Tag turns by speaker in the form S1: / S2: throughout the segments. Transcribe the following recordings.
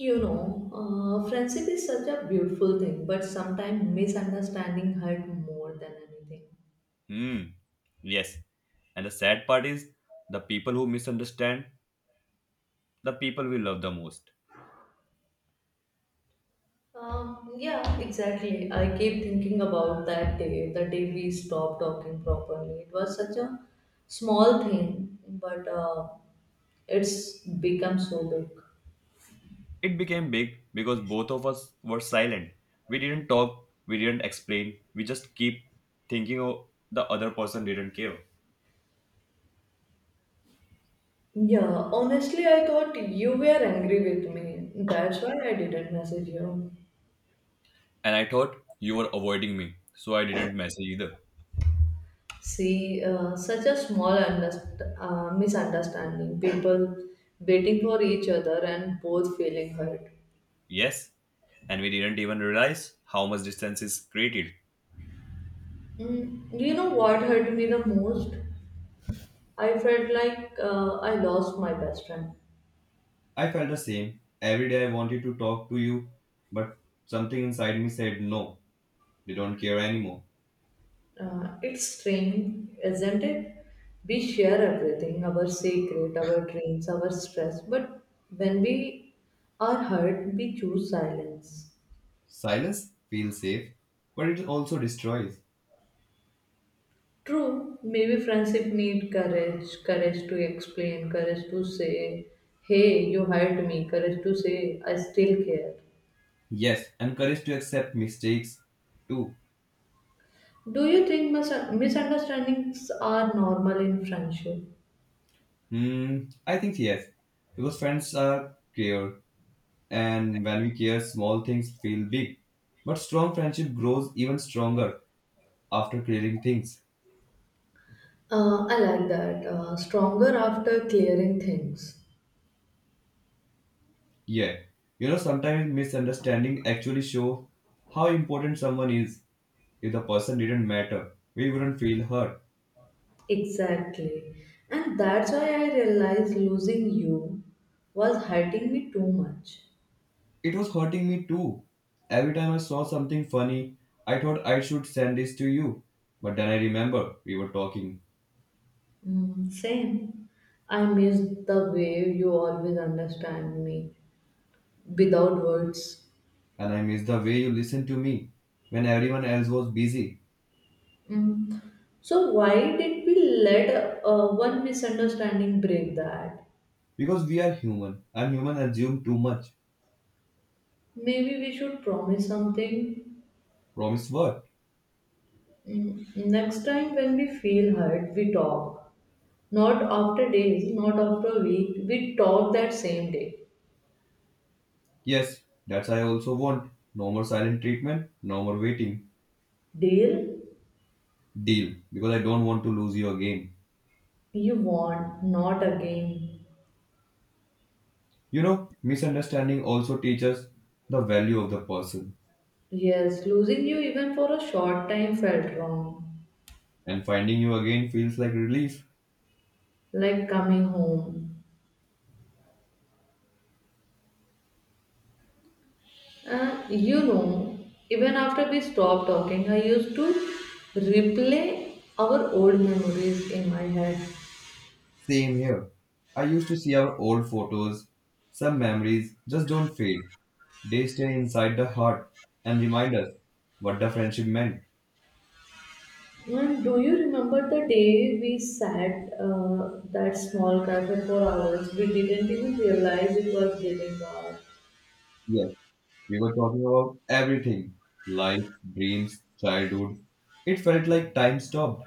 S1: You know, Friendship is such a beautiful thing, but sometimes misunderstanding hurt more than anything.
S2: Hmm. Yes. And the sad part is the people who misunderstand the people we love the most.
S1: Yeah, exactly. I keep thinking about that day, the day we stopped talking properly. It was such a small thing, but it's become so big.
S2: It became big because both of us were silent. We didn't talk, we didn't explain, we just keep thinking oh, the other person didn't care.
S1: Yeah, honestly, I thought you were angry with me. That's why I didn't message you.
S2: And I thought you were avoiding me, so I didn't message either.
S1: See, such a small misunderstanding, people waiting for each other and both feeling hurt.
S2: Yes. And we didn't even realize how much distance is created.
S1: Mm, you know what hurt me the most? I felt like I lost my best friend.
S2: I felt the same. Every day I wanted to talk to you, but something inside me said no, they don't care anymore.
S1: It's strange, isn't it? We share everything our secret, our dreams, our stress, but when we are hurt, we choose silence.
S2: Silence feels safe, but it also destroys.
S1: True, maybe friendship need courage, courage to explain, courage to say, hey, you hurt me, courage to say, I still care.
S2: Yes, and courage to accept mistakes too.
S1: Do you think misunderstandings are normal in friendship?
S2: Hmm, I think yes, because friends are care, and when we care, small things feel big. But strong friendship grows even stronger after clearing things.
S1: I like that. Stronger after clearing things.
S2: Yeah, you know sometimes misunderstanding actually show how important someone is. If the person didn't matter, we wouldn't feel hurt.
S1: Exactly. And that's why I realized losing you was hurting me too much.
S2: It was hurting me too. Every time I saw something funny, I thought I should send this to you. But then I remember we were talking,
S1: Mm, same. I miss the way you always understand me without words.
S2: and I miss the way you listened to me when everyone else was busy.
S1: Mm. So why did we let one misunderstanding break that?
S2: Because we are human, and human assume too much.
S1: Maybe we should promise something.
S2: Promise what?
S1: Mm. Next time when we feel hurt, we talk. Not after days, not after a week. We talk that same day.
S2: Yes, that's I also want. No more silent treatment, no more waiting.
S1: Deal
S2: Deal, because I don't want to lose you again.
S1: you want, not again.
S2: You know, misunderstanding also teaches the value of the person,
S1: Yes, losing you even for a short time felt wrong.
S2: and finding you again feels like relief.
S1: Like coming home. Uh, you know, Even after we stopped talking, I used to replay our old memories in my head.
S2: Same here. I used to see our old photos. Some memories just don't fade. They stay inside the heart and remind us what the friendship meant.
S1: And do you remember the day we sat that small cafe for hours? We didn't even realize it was getting dark.
S2: Yes, we were talking about everything life, dreams, childhood. It felt like time stopped,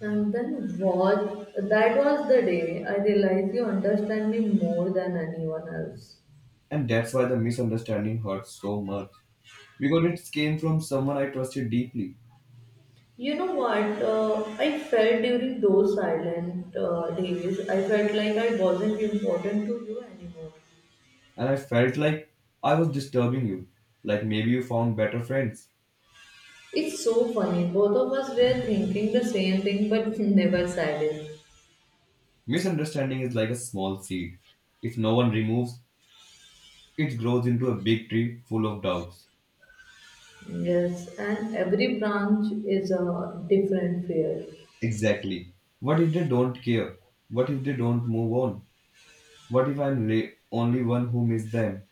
S1: And then what? That was the day I realized you understand me more than anyone else.
S2: and that's why the misunderstanding hurt so much. Because it came from someone I trusted deeply,
S1: You know what? I felt during those silent days, I felt like I wasn't important to you anymore.
S2: and I felt like I was disturbing you, like maybe you found better friends.
S1: It's so funny. Both of us were thinking the same thing, but never said it.
S2: Misunderstanding is like a small seed. If no one removes, it grows into a big tree full of doubts.
S1: Yes, and every branch is a different fear.
S2: Exactly. What if they don't care? What if they don't move on? What if I'm only one who miss them?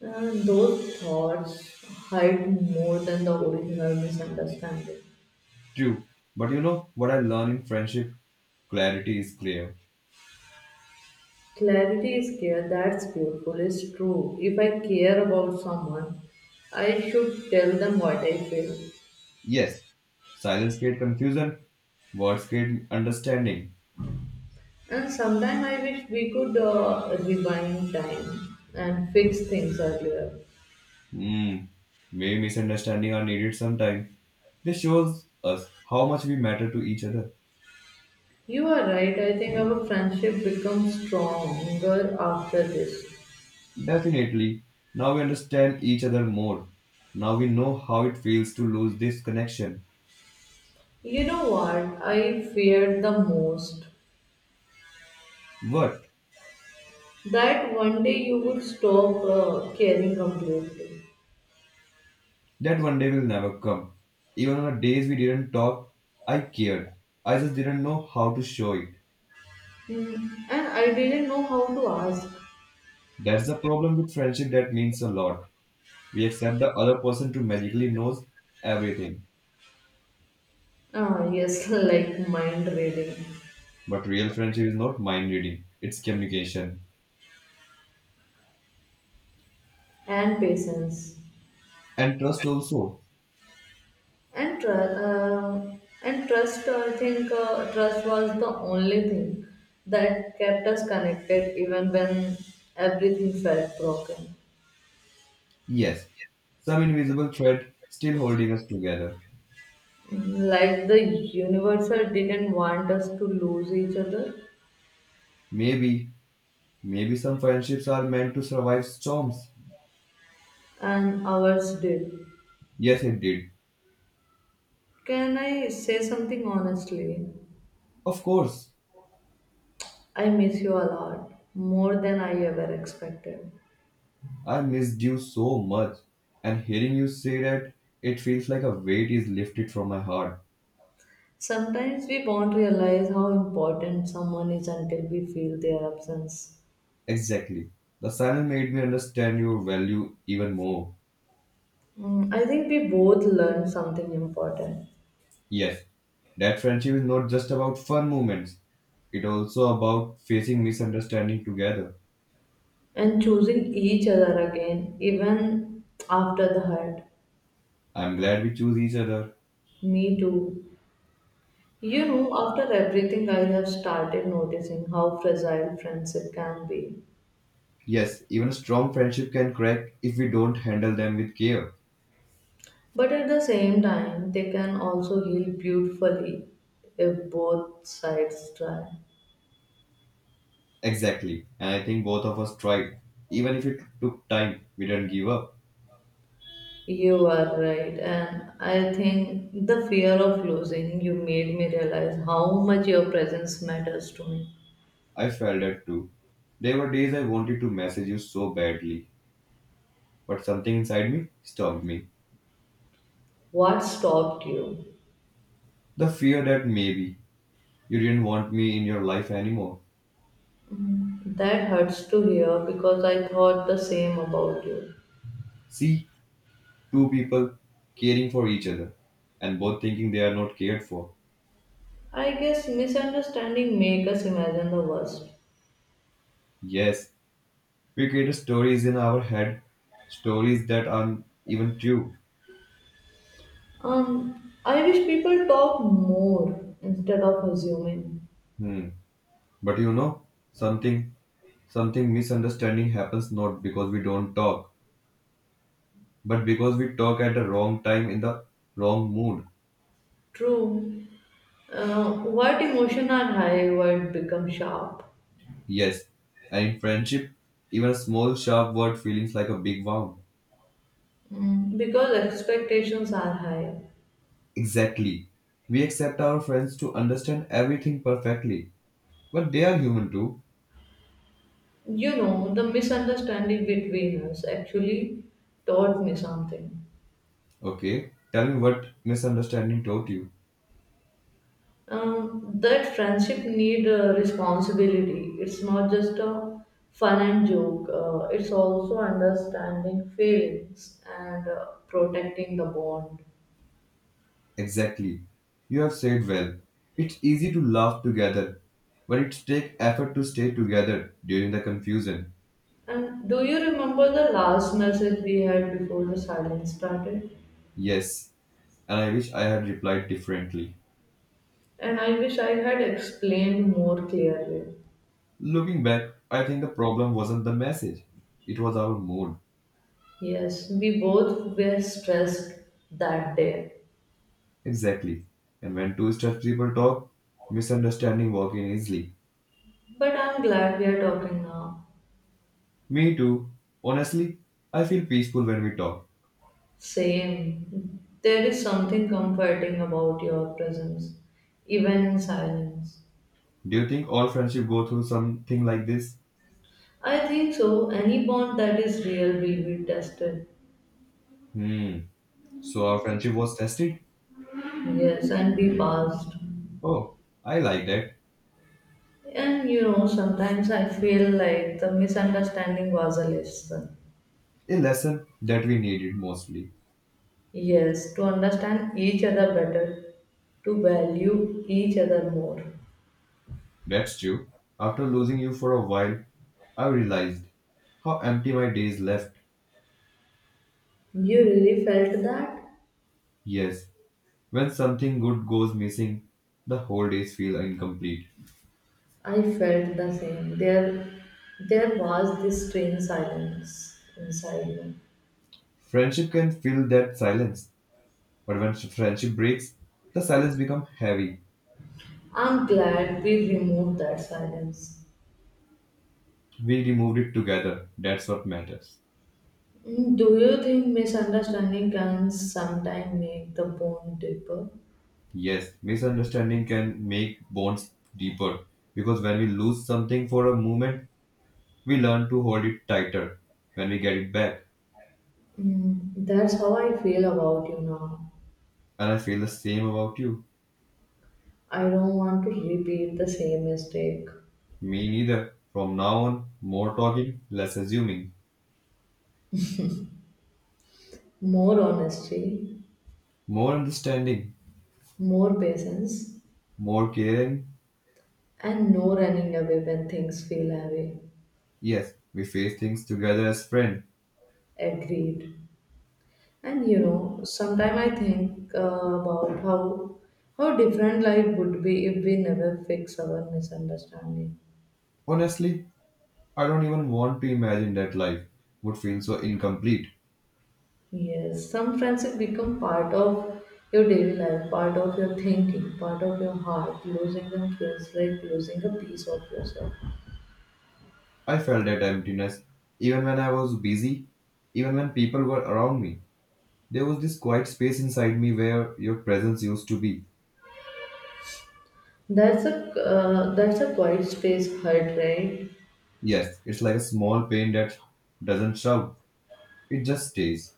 S1: And those thoughts hide more than the original misunderstanding.
S2: True. But you know what I learn in friendship? Clarity is clear.
S1: Clarity is care. That's beautiful. It's true. If I care about someone, I should tell them what I feel.
S2: Yes. Silence creates confusion. Words create understanding.
S1: And sometime I wish we could rewind time and fix things earlier.
S2: Hmm. Maybe misunderstanding are needed sometime. This shows us how much we matter to each other.
S1: You are right, I think our friendship becomes stronger after this.
S2: Definitely. Now we understand each other more. Now we know how it feels to lose this connection.
S1: You know what I feared the most?
S2: But
S1: That one day you would stop caring completely.
S2: that one day will never come. Even on the days we didn't talk, I cared. I just didn't know how to show it.
S1: Hmm, and I didn't know how to ask.
S2: That's the problem with friendship that means a lot. We accept the other person to magically knows everything.
S1: Ah, yes, like mind reading
S2: But real friendship is not mind reading, it's communication.
S1: and patience.
S2: And trust also.
S1: And trust, I think trust was the only thing that kept us connected, even when everything felt broken.
S2: Yes, some invisible thread still holding us together.
S1: Like the universal didn't want us to lose each other,
S2: Maybe Maybe some friendships are meant to survive storms.
S1: and ours did.
S2: Yes, it did.
S1: Can I say something honestly?
S2: Of course.
S1: I miss you a lot, more than I ever expected.
S2: I missed you so much. And hearing you say that, it feels like a weight is lifted from my heart.
S1: Sometimes we won't realize how important someone is until we feel their absence.
S2: Exactly. The silence made me understand your value even more.
S1: Mm, I think we both learned something important
S2: Yes, that friendship is not just about fun moments. It's also about facing misunderstanding together.
S1: and choosing each other again, even after the hurt.
S2: I'm glad we choose each other.
S1: Me too. You know, after everything, I have started noticing how fragile friendship can be.
S2: Yes, even a strong friendship can crack if we don't handle them with care.
S1: But at the same time, they can also heal beautifully if both sides try.
S2: Exactly. And I think both of us tried. Even if it took time, we didn't give up.
S1: You are right, and I think the fear of losing you made me realize how much your presence matters to me.
S2: I felt that too. There were days I wanted to message you so badly, but something inside me stopped me.
S1: What stopped you?
S2: The fear that maybe you didn't want me in your life anymore.
S1: That hurts to hear because I thought the same about you.
S2: See, two people caring for each other and both thinking they are not cared for.
S1: I guess misunderstanding make us imagine the worst.
S2: Yes, we create stories in our head, stories that aren't even true.
S1: I wish people talk more instead of assuming.
S2: Hmm. But you know, something something misunderstanding happens not because we don't talk, but because we talk at the wrong time in the wrong mood.
S1: True. Uh, what emotion are high, what become sharp?
S2: Yes, and in friendship, even a small sharp word feels like a big wound.
S1: Mm, because expectations are high.
S2: Exactly. We accept our friends to understand everything perfectly, but they are human too.
S1: You know, the misunderstanding between us actually taught me something.
S2: Okay, tell me what misunderstanding taught you.
S1: That friendship need responsibility. It's not just a fun and joke. It's also understanding feelings and protecting the bond.
S2: Exactly. You have said well. It's easy to laugh together, but it takes effort to stay together during the confusion.
S1: And do you remember the last message we had before the silence started?
S2: Yes, and I wish I had replied differently.
S1: And I wish I had explained more clearly.
S2: Looking back, I think the problem wasn't the message, it was our mood.
S1: Yes, we both were stressed that day,
S2: Exactly. And when two stuffed people talk, misunderstanding walk in easily.
S1: but I'm glad we are talking now.
S2: Me too. Honestly, I feel peaceful when we talk.
S1: Same. There is something comforting about your presence, even in silence.
S2: Do you think all friendship go through something like this?
S1: I think so. Any bond that is real will be tested.
S2: Hmm. So our friendship was tested?
S1: Yes, and be passed.
S2: Oh, I like that.
S1: And you know, sometimes I feel like the misunderstanding was a lesson.
S2: A lesson that we needed mostly.
S1: Yes, to understand each other better, to value each other more.
S2: That's true. After losing you for a while, I realized how empty my days left.
S1: You really felt that?
S2: Yes, when something good goes missing, the whole days feel incomplete.
S1: I felt the same. There was this strange silence inside me.
S2: Friendship can fill that silence, but when friendship breaks, the silence becomes heavy.
S1: I'm glad we removed that silence.
S2: We removed it together. That's what matters.
S1: Mm, do you think misunderstanding can sometimes make the bond deeper?
S2: Yes, misunderstanding can make bonds deeper because when we lose something for a moment, we learn to hold it tighter when we get it back.
S1: Mm, that's how I feel about you now.
S2: And I feel the same about you.
S1: I don't want to repeat the same mistake.
S2: Me neither. From now on, more talking, less assuming.
S1: More honesty,
S2: More understanding,
S1: more patience,
S2: more caring.
S1: and no running away when things feel heavy.
S2: Yes, we face things together as friends.
S1: Agreed. And you know, sometime I think about how different life would be if we never fix our misunderstanding.
S2: Honestly, I don't even want to imagine that life would feel so incomplete.
S1: Yes, some friendship become part of your daily life, part of your thinking, part of your heart. Losing them feels like losing a piece of yourself.
S2: I felt that emptiness even when I was busy, even when people were around me. There was this quiet space inside me where your presence used to be.
S1: That's a quiet space hurt, right?
S2: Yes, it's like a small pain that doesn't shout. It just stays.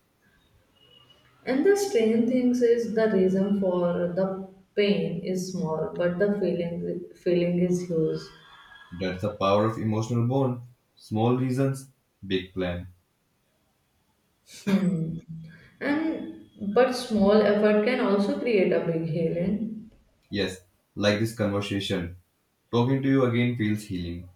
S1: And the strange things is the reason for the pain is small, but the feeling is huge.
S2: That's the power of emotional bond. Small reasons, big plan.
S1: Hmm. And but small effort can also create a big healing.
S2: Yes, like this conversation. Talking to you again feels healing.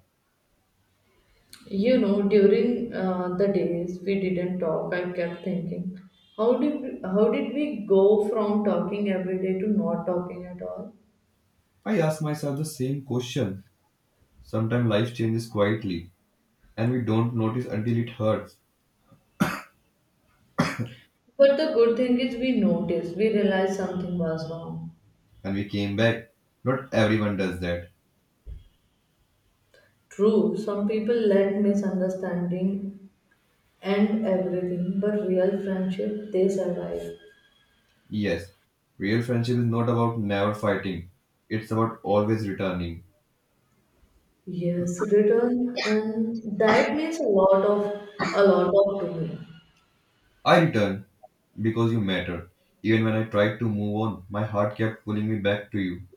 S1: You know, during the days we didn't talk, I kept thinking, how did we go from talking every day to not talking at all?
S2: I ask myself the same question. Sometimes life changes quietly, and we don't notice until it hurts.
S1: But the good thing is we noticed, we realized something was wrong.
S2: And we came back. Not everyone does that.
S1: True, some people let misunderstanding end everything, but real friendship they survive.
S2: Yes, real friendship is not about never fighting, it's about always returning.
S1: Yes, return, and that means a lot of to me.
S2: I return because you matter. Even when I tried to move on, my heart kept pulling me back to you.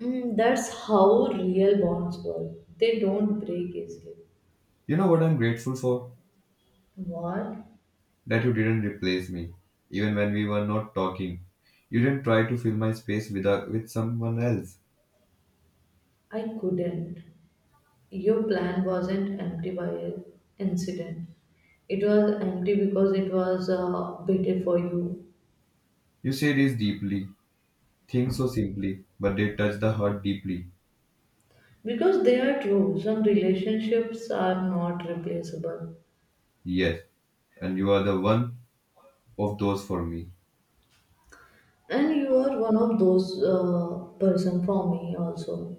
S1: Mm, that's how real bonds work. They don't break easily.
S2: You know what I'm grateful for?
S1: What?
S2: That you didn't replace me, even when we were not talking. You didn't try to fill my space with someone else.
S1: I couldn't. Your plan wasn't empty by an incident. It was empty because it was better for you.
S2: You say this deeply, things so simply, but they touch the heart deeply.
S1: Because they are true. Some relationships are not replaceable.
S2: Yes, and you are the one of those for me.
S1: And you are one of those person for me also.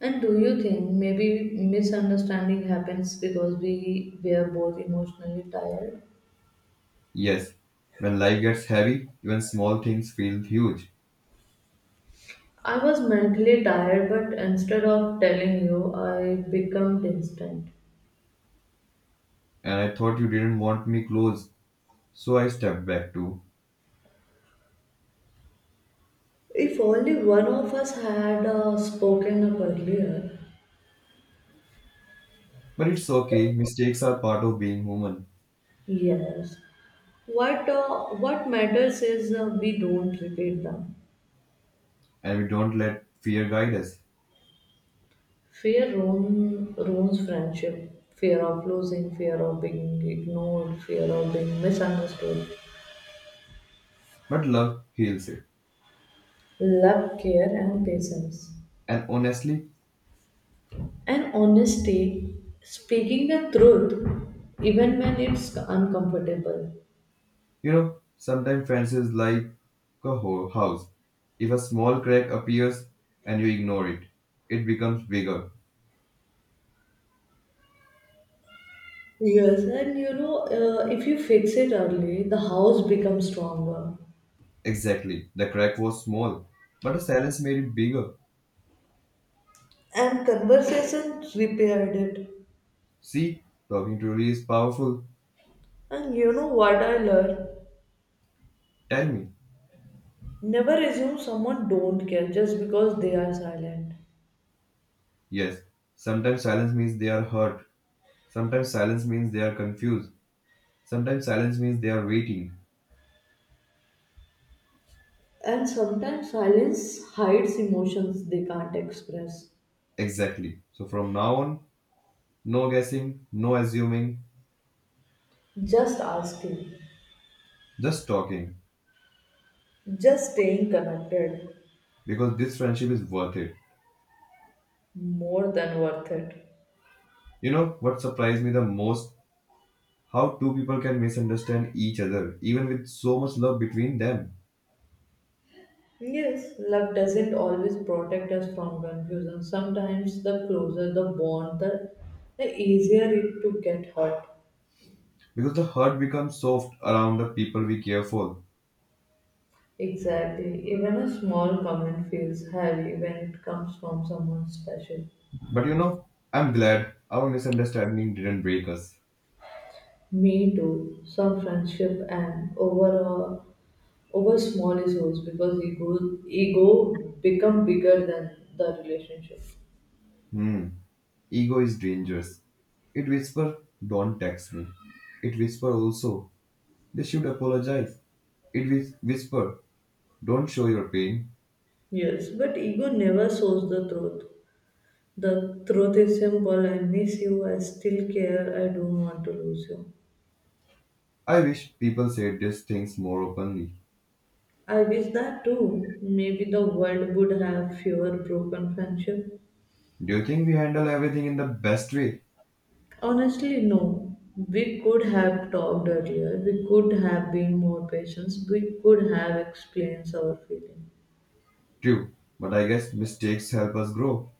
S1: And do you think maybe misunderstanding happens because we were both emotionally tired?
S2: Yes, when life gets heavy, even small things feel huge.
S1: I was mentally tired, but instead of telling you, I became distant.
S2: And I thought you didn't want me close, so I stepped back too.
S1: If only one of us had spoken up earlier.
S2: But it's okay, mistakes are part of being human,
S1: Yes. What matters is we don't repeat them.
S2: and we don't let fear guide us.
S1: Ruins friendship. Fear of losing, fear of being ignored, fear of being misunderstood.
S2: But love heals it.
S1: Love, care, and patience.
S2: And honestly,
S1: And honesty, speaking the truth, even when it's uncomfortable.
S2: you know, sometimes friends is like a house. If a small crack appears and you ignore it, it becomes bigger.
S1: Yes, and you know, if you fix it early, the house becomes stronger.
S2: Exactly. The crack was small, but the silence made it bigger.
S1: And conversation repaired it.
S2: See, talking truly is powerful.
S1: And you know what I learned?
S2: Tell me.
S1: Never assume someone don't care just because they are silent.
S2: Yes, sometimes silence means they are hurt. Sometimes silence means they are confused. Sometimes silence means they are waiting.
S1: And sometimes silence hides emotions they can't express.
S2: Exactly. So from now on, no guessing, no assuming,
S1: Just asking,
S2: just talking.
S1: just staying connected,
S2: Because this friendship is worth it.
S1: more than worth it.
S2: You know what surprised me the most? How two people can misunderstand each other, even with so much love between them.
S1: Yes, love doesn't always protect us from confusion. Sometimes the closer the bond, the easier it to get hurt.
S2: Because the heart becomes soft around the people we care for.
S1: Exactly. Even a small comment feels heavy when it comes from someone special.
S2: But you know, I'm glad our misunderstanding didn't break us.
S1: Me too. Some friendship and over a over small issues because ego become bigger than the relationship.
S2: Hmm, ego is dangerous. It whispers, don't text me. It whispers also, they should apologize. It whisper, don't show your pain.
S1: Yes, but ego never shows the truth. The truth is simple I miss you, I still care, I don't want to lose you.
S2: I wish people said these things more openly.
S1: I wish that too. Maybe the world would have fewer broken friendship.
S2: Do you think we handle everything in the best way?
S1: Honestly, no. We could have talked earlier, we could have been more patient, we could have explained our feelings.
S2: True, but I guess mistakes help us grow,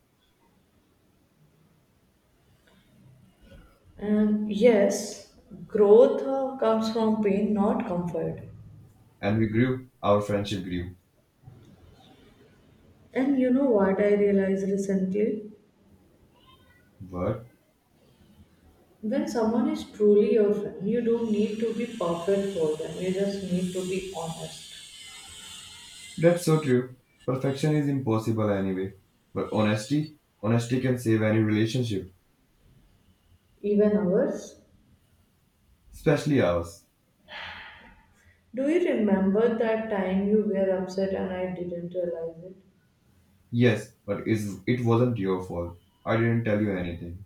S1: Yes, growth comes from pain, not comfort.
S2: and we grew, our friendship grew.
S1: And you know what I realized recently?
S2: What?
S1: When someone is truly your friend, you don't need to be perfect for them. You just need to be honest.
S2: That's so true. Perfection is impossible anyway, but honesty, honesty can save any relationship,
S1: Even ours.
S2: especially ours.
S1: Do you remember that time you were upset and I didn't realize it?
S2: Yes, but is it wasn't your fault. I didn't tell you anything.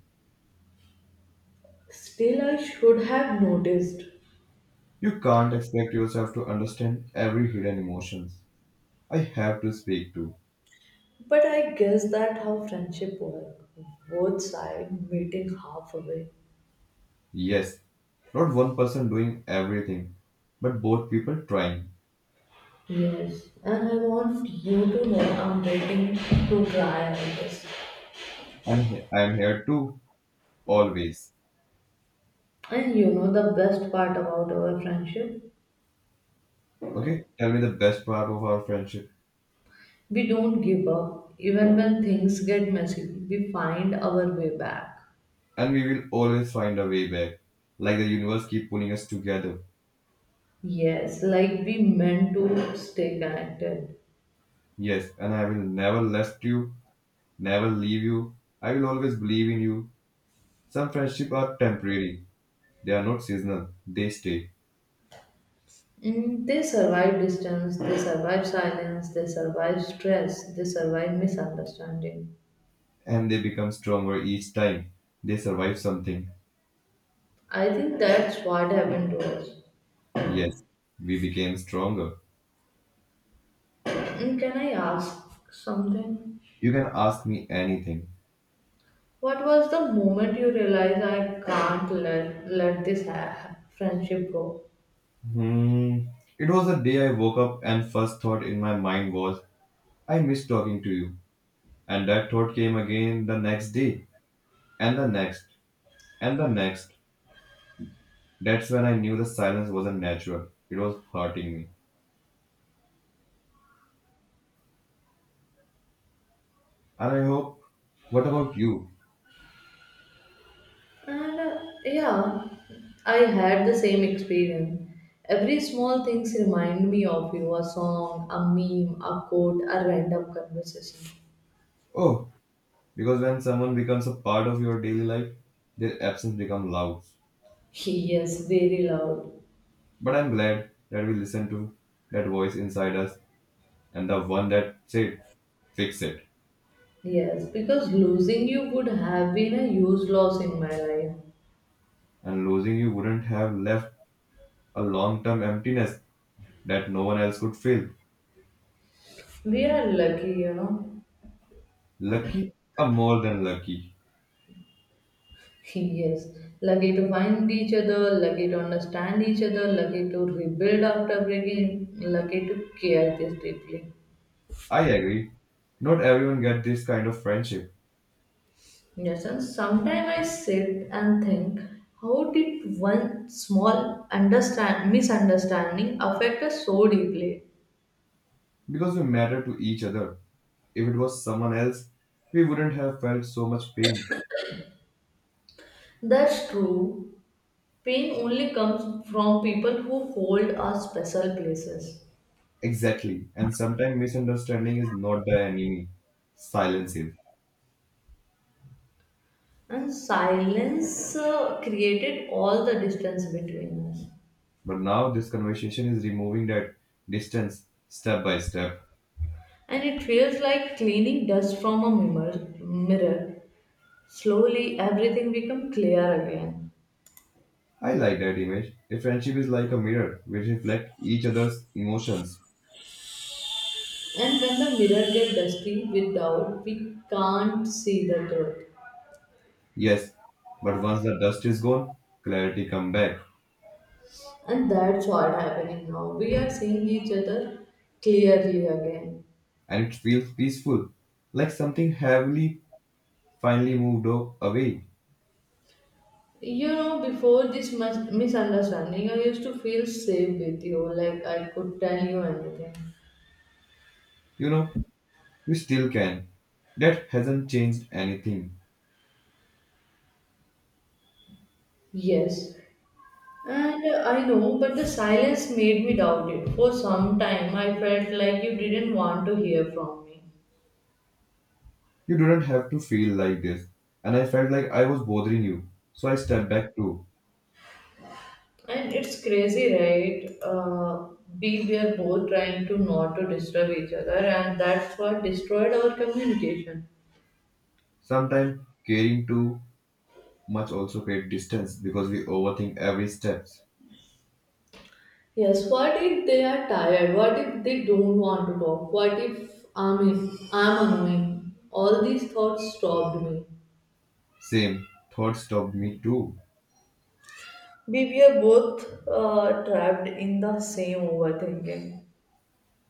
S1: Still, I should have noticed.
S2: You can't expect yourself to understand every hidden emotions. I have to speak to.
S1: But I guess that how friendship work. Both sides meeting halfway.
S2: Yes, not one person doing everything, but both people trying.
S1: Yes, and I want you to know I'm waiting to try all this.
S2: And I am here too, always.
S1: And you know the best part about our friendship?
S2: Okay, tell me the best part of our friendship,
S1: We don't give up. Even when things get messy, we find our way back.
S2: and we will always find a way back. Like the universe keep pulling us together.
S1: Yes, like we meant to stay connected.
S2: Yes, and I will never left you, never leave you. I will always believe in you. Some friendship are temporary. They are not seasonal. They stay,
S1: Mm, they survive distance, they survive silence, they survive stress, they survive misunderstanding.
S2: and they become stronger each time. They survive something.
S1: I think that's what happened to us.
S2: Yes, we became stronger.
S1: Mm, can I ask something?
S2: You can ask me anything.
S1: What was the moment you realized I can't let this friendship go?
S2: Hmm. It was the day I woke up and first thought in my mind was, I miss talking to you. And that thought came again the next day, and the next, and the next. That's when I knew the silence wasn't natural. It was hurting me. And I hope, what about you?
S1: And yeah, I had the same experience. Every small things remind me of you, a song, a meme, a quote, a random conversation.
S2: Oh, because when someone becomes a part of your daily life, their absence becomes loud.
S1: Yes, very loud.
S2: But I'm glad that we listened to that voice inside us and the one that said, fix it.
S1: Yes, because losing you would have been a huge loss in my life.
S2: And losing you wouldn't have left a long term emptiness that no one else could fill.
S1: We are lucky, you know.
S2: Lucky or more than lucky.
S1: Yes, lucky to find each other, lucky to understand each other, lucky to rebuild after breaking, lucky to care this deeply.
S2: I agree. Not everyone gets this kind of friendship
S1: Yes, and sometimes I sit and think, how did one small understand misunderstanding affect us so deeply?
S2: because we matter to each other. If it was someone else, we wouldn't have felt so much pain.
S1: That's true. Pain only comes from people who hold our special places,
S2: Exactly. And sometimes misunderstanding is not the enemy. Silence is.
S1: and silence created all the distance between us.
S2: But now this conversation is removing that distance step by step.
S1: And it feels like cleaning dust from a mirror. Slowly, everything becomes clear again.
S2: I like that image. A friendship is like a mirror. We reflect each other's emotions.
S1: And when the mirror gets dusty without, we can't see the truth.
S2: Yes, but once the dust is gone, clarity come back.
S1: And that's what happening now. We are seeing each other clearly again.
S2: And it feels peaceful, like something heavily finally moved away.
S1: You know, before this misunderstanding, I used to feel safe with you, like I could tell you anything.
S2: You know, you still can. That hasn't changed anything.
S1: Yes, and I know, but the silence made me doubt it. For some time, I felt like you didn't want to hear from me.
S2: You do not have to feel like this. And I felt like I was bothering you. So I stepped back too.
S1: And it's crazy, right? We were both trying to not to disturb each other, and that's what destroyed our communication.
S2: Sometimes caring too much also creates distance because we overthink every step.
S1: Yes, what if they are tired? What if they don't want to talk? What if I'm annoying? All these thoughts stopped me.
S2: Same thought stopped me too.
S1: We were both trapped in the same overthinking.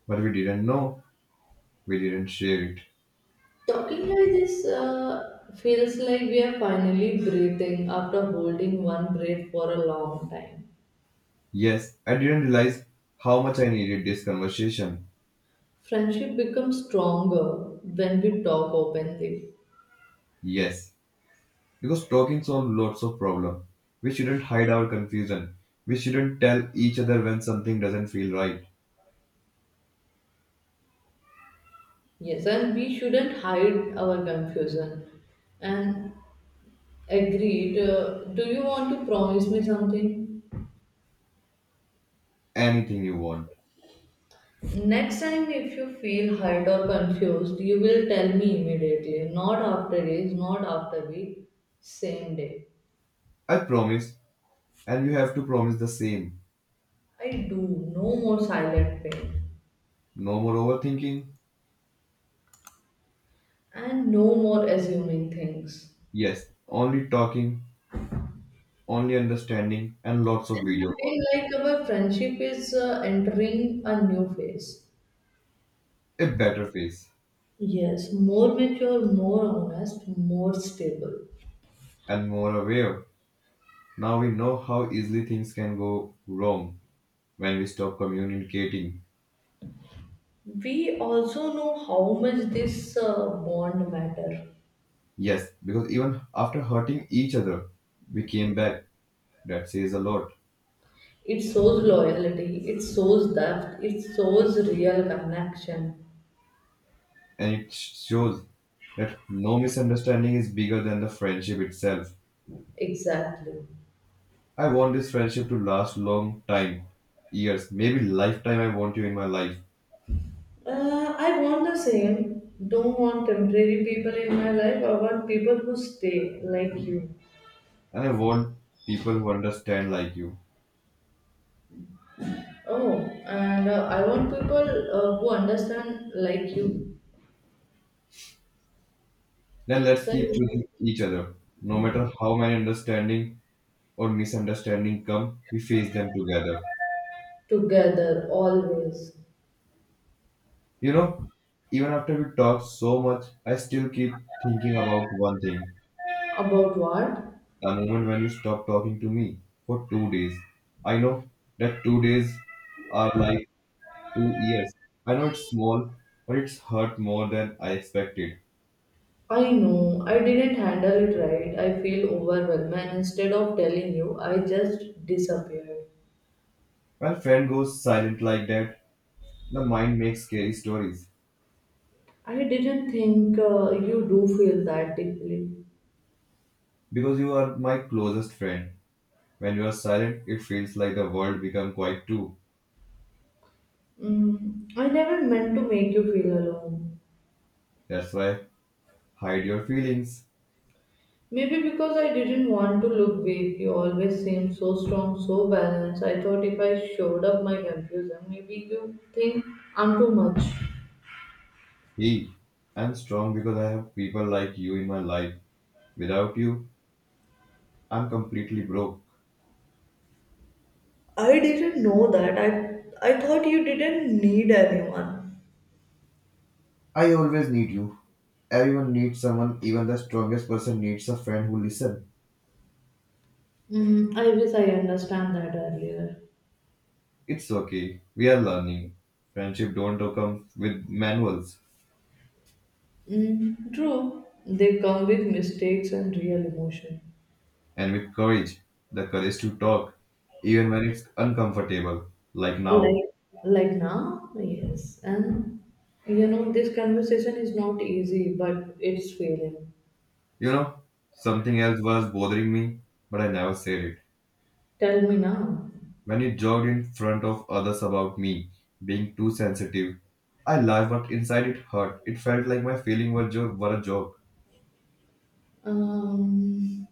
S2: But we didn't know. We didn't share it.
S1: Talking like this feels like we are finally breathing after holding one breath for a long time.
S2: Yes, I didn't realize how much I needed this conversation.
S1: Friendship becomes stronger when we talk openly.
S2: Yes, because talking solves lots of problems. We shouldn't hide our confusion. We shouldn't tell each other when something doesn't feel right.
S1: Yes, and we shouldn't hide our confusion. And agreed, do you want to promise me something?
S2: Anything you want.
S1: Next time, if you feel hurt or confused, you will tell me immediately, not after days, not after week, same day.
S2: I promise, and you have to promise the same.
S1: I do, no more silent pain.
S2: No more overthinking.
S1: And no more assuming things.
S2: Yes, only talking, only understanding, and lots of
S1: And I
S2: video calls.
S1: feel like our friendship is entering a new phase.
S2: A better face,
S1: Yes, more mature, more honest, more stable.
S2: and more aware. Now we know how easily things can go wrong when we stop communicating.
S1: We also know how much this bond matter.
S2: Yes, because even after hurting each other, we came back. That says a lot.
S1: It shows loyalty, it shows depth, it shows real connection.
S2: And it shows that no misunderstanding is bigger than the friendship itself.
S1: Exactly.
S2: I want this friendship to last long time, years, maybe lifetime. I want you in my life,
S1: I want the same. Don't want temporary people in my life. I want people who stay like you.
S2: and I want people who understand like you.
S1: Oh, and I want people who understand like you.
S2: Then let's
S1: Then
S2: keep choosing each other. No matter how many understanding or misunderstanding come, we face them together.
S1: together always.
S2: You know, even after we talk so much, I still keep thinking about one thing.
S1: About what?
S2: The moment when you stop talking to me for 2 days, I know that 2 days are like 2 years. I know it's small, but it's hurt more than I expected.
S1: I know I didn't handle it right. I feel overwhelmed. And instead of telling you, I just disappeared.
S2: When friend goes silent like that, the mind makes scary stories.
S1: I didn't think you do feel that deeply.
S2: Because you are my closest friend. When you are silent, it feels like the world become quiet too.
S1: Mm, I never meant to make you feel alone.
S2: That's why hide your feelings.
S1: Maybe because I didn't want to look weak, you always seemed so strong, so balanced. I thought if I showed up my confusion, maybe you think I'm too much.
S2: Hey, I'm strong because I have people like you in my life. Without you, I'm completely broke.
S1: I didn't know that. I thought you didn't need anyone.
S2: I always need you. Everyone needs someone, even the strongest person needs a friend who listens.
S1: Mm, I wish I understand that earlier.
S2: It's okay. We are learning. Friendship don't come with manuals
S1: Mm, true, they come with mistakes and real emotion.
S2: and with courage. The courage to talk, even when it's uncomfortable, like now.
S1: Like, like now, yes. And you know, this conversation is not easy, but it's feeling.
S2: You know, something else was bothering me, but I never said it.
S1: Tell me now.
S2: When you jogged in front of others about me being too sensitive, I laughed, but inside it hurt. It felt like my feeling was were a joke.
S1: Um,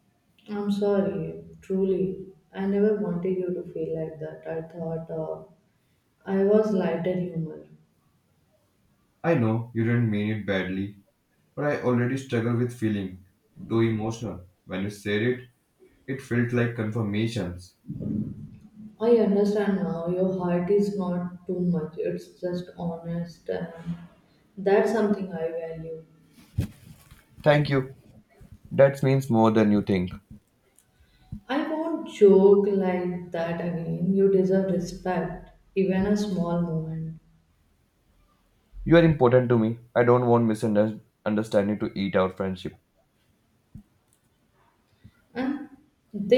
S1: I'm sorry, truly. I never wanted you to feel like that. I thought I was lighter humor.
S2: I know you didn't mean it badly, but I already struggle with feeling too emotional. When you said it, it felt like confirmations.
S1: I understand now your heart is not too much, it's just honest, and that's something I value.
S2: Thank you. That means more than you think.
S1: I won't joke like that again. You deserve respect, even a small moment.
S2: You are important to me. I don't want misunderstanding to eat our friendship.
S1: And they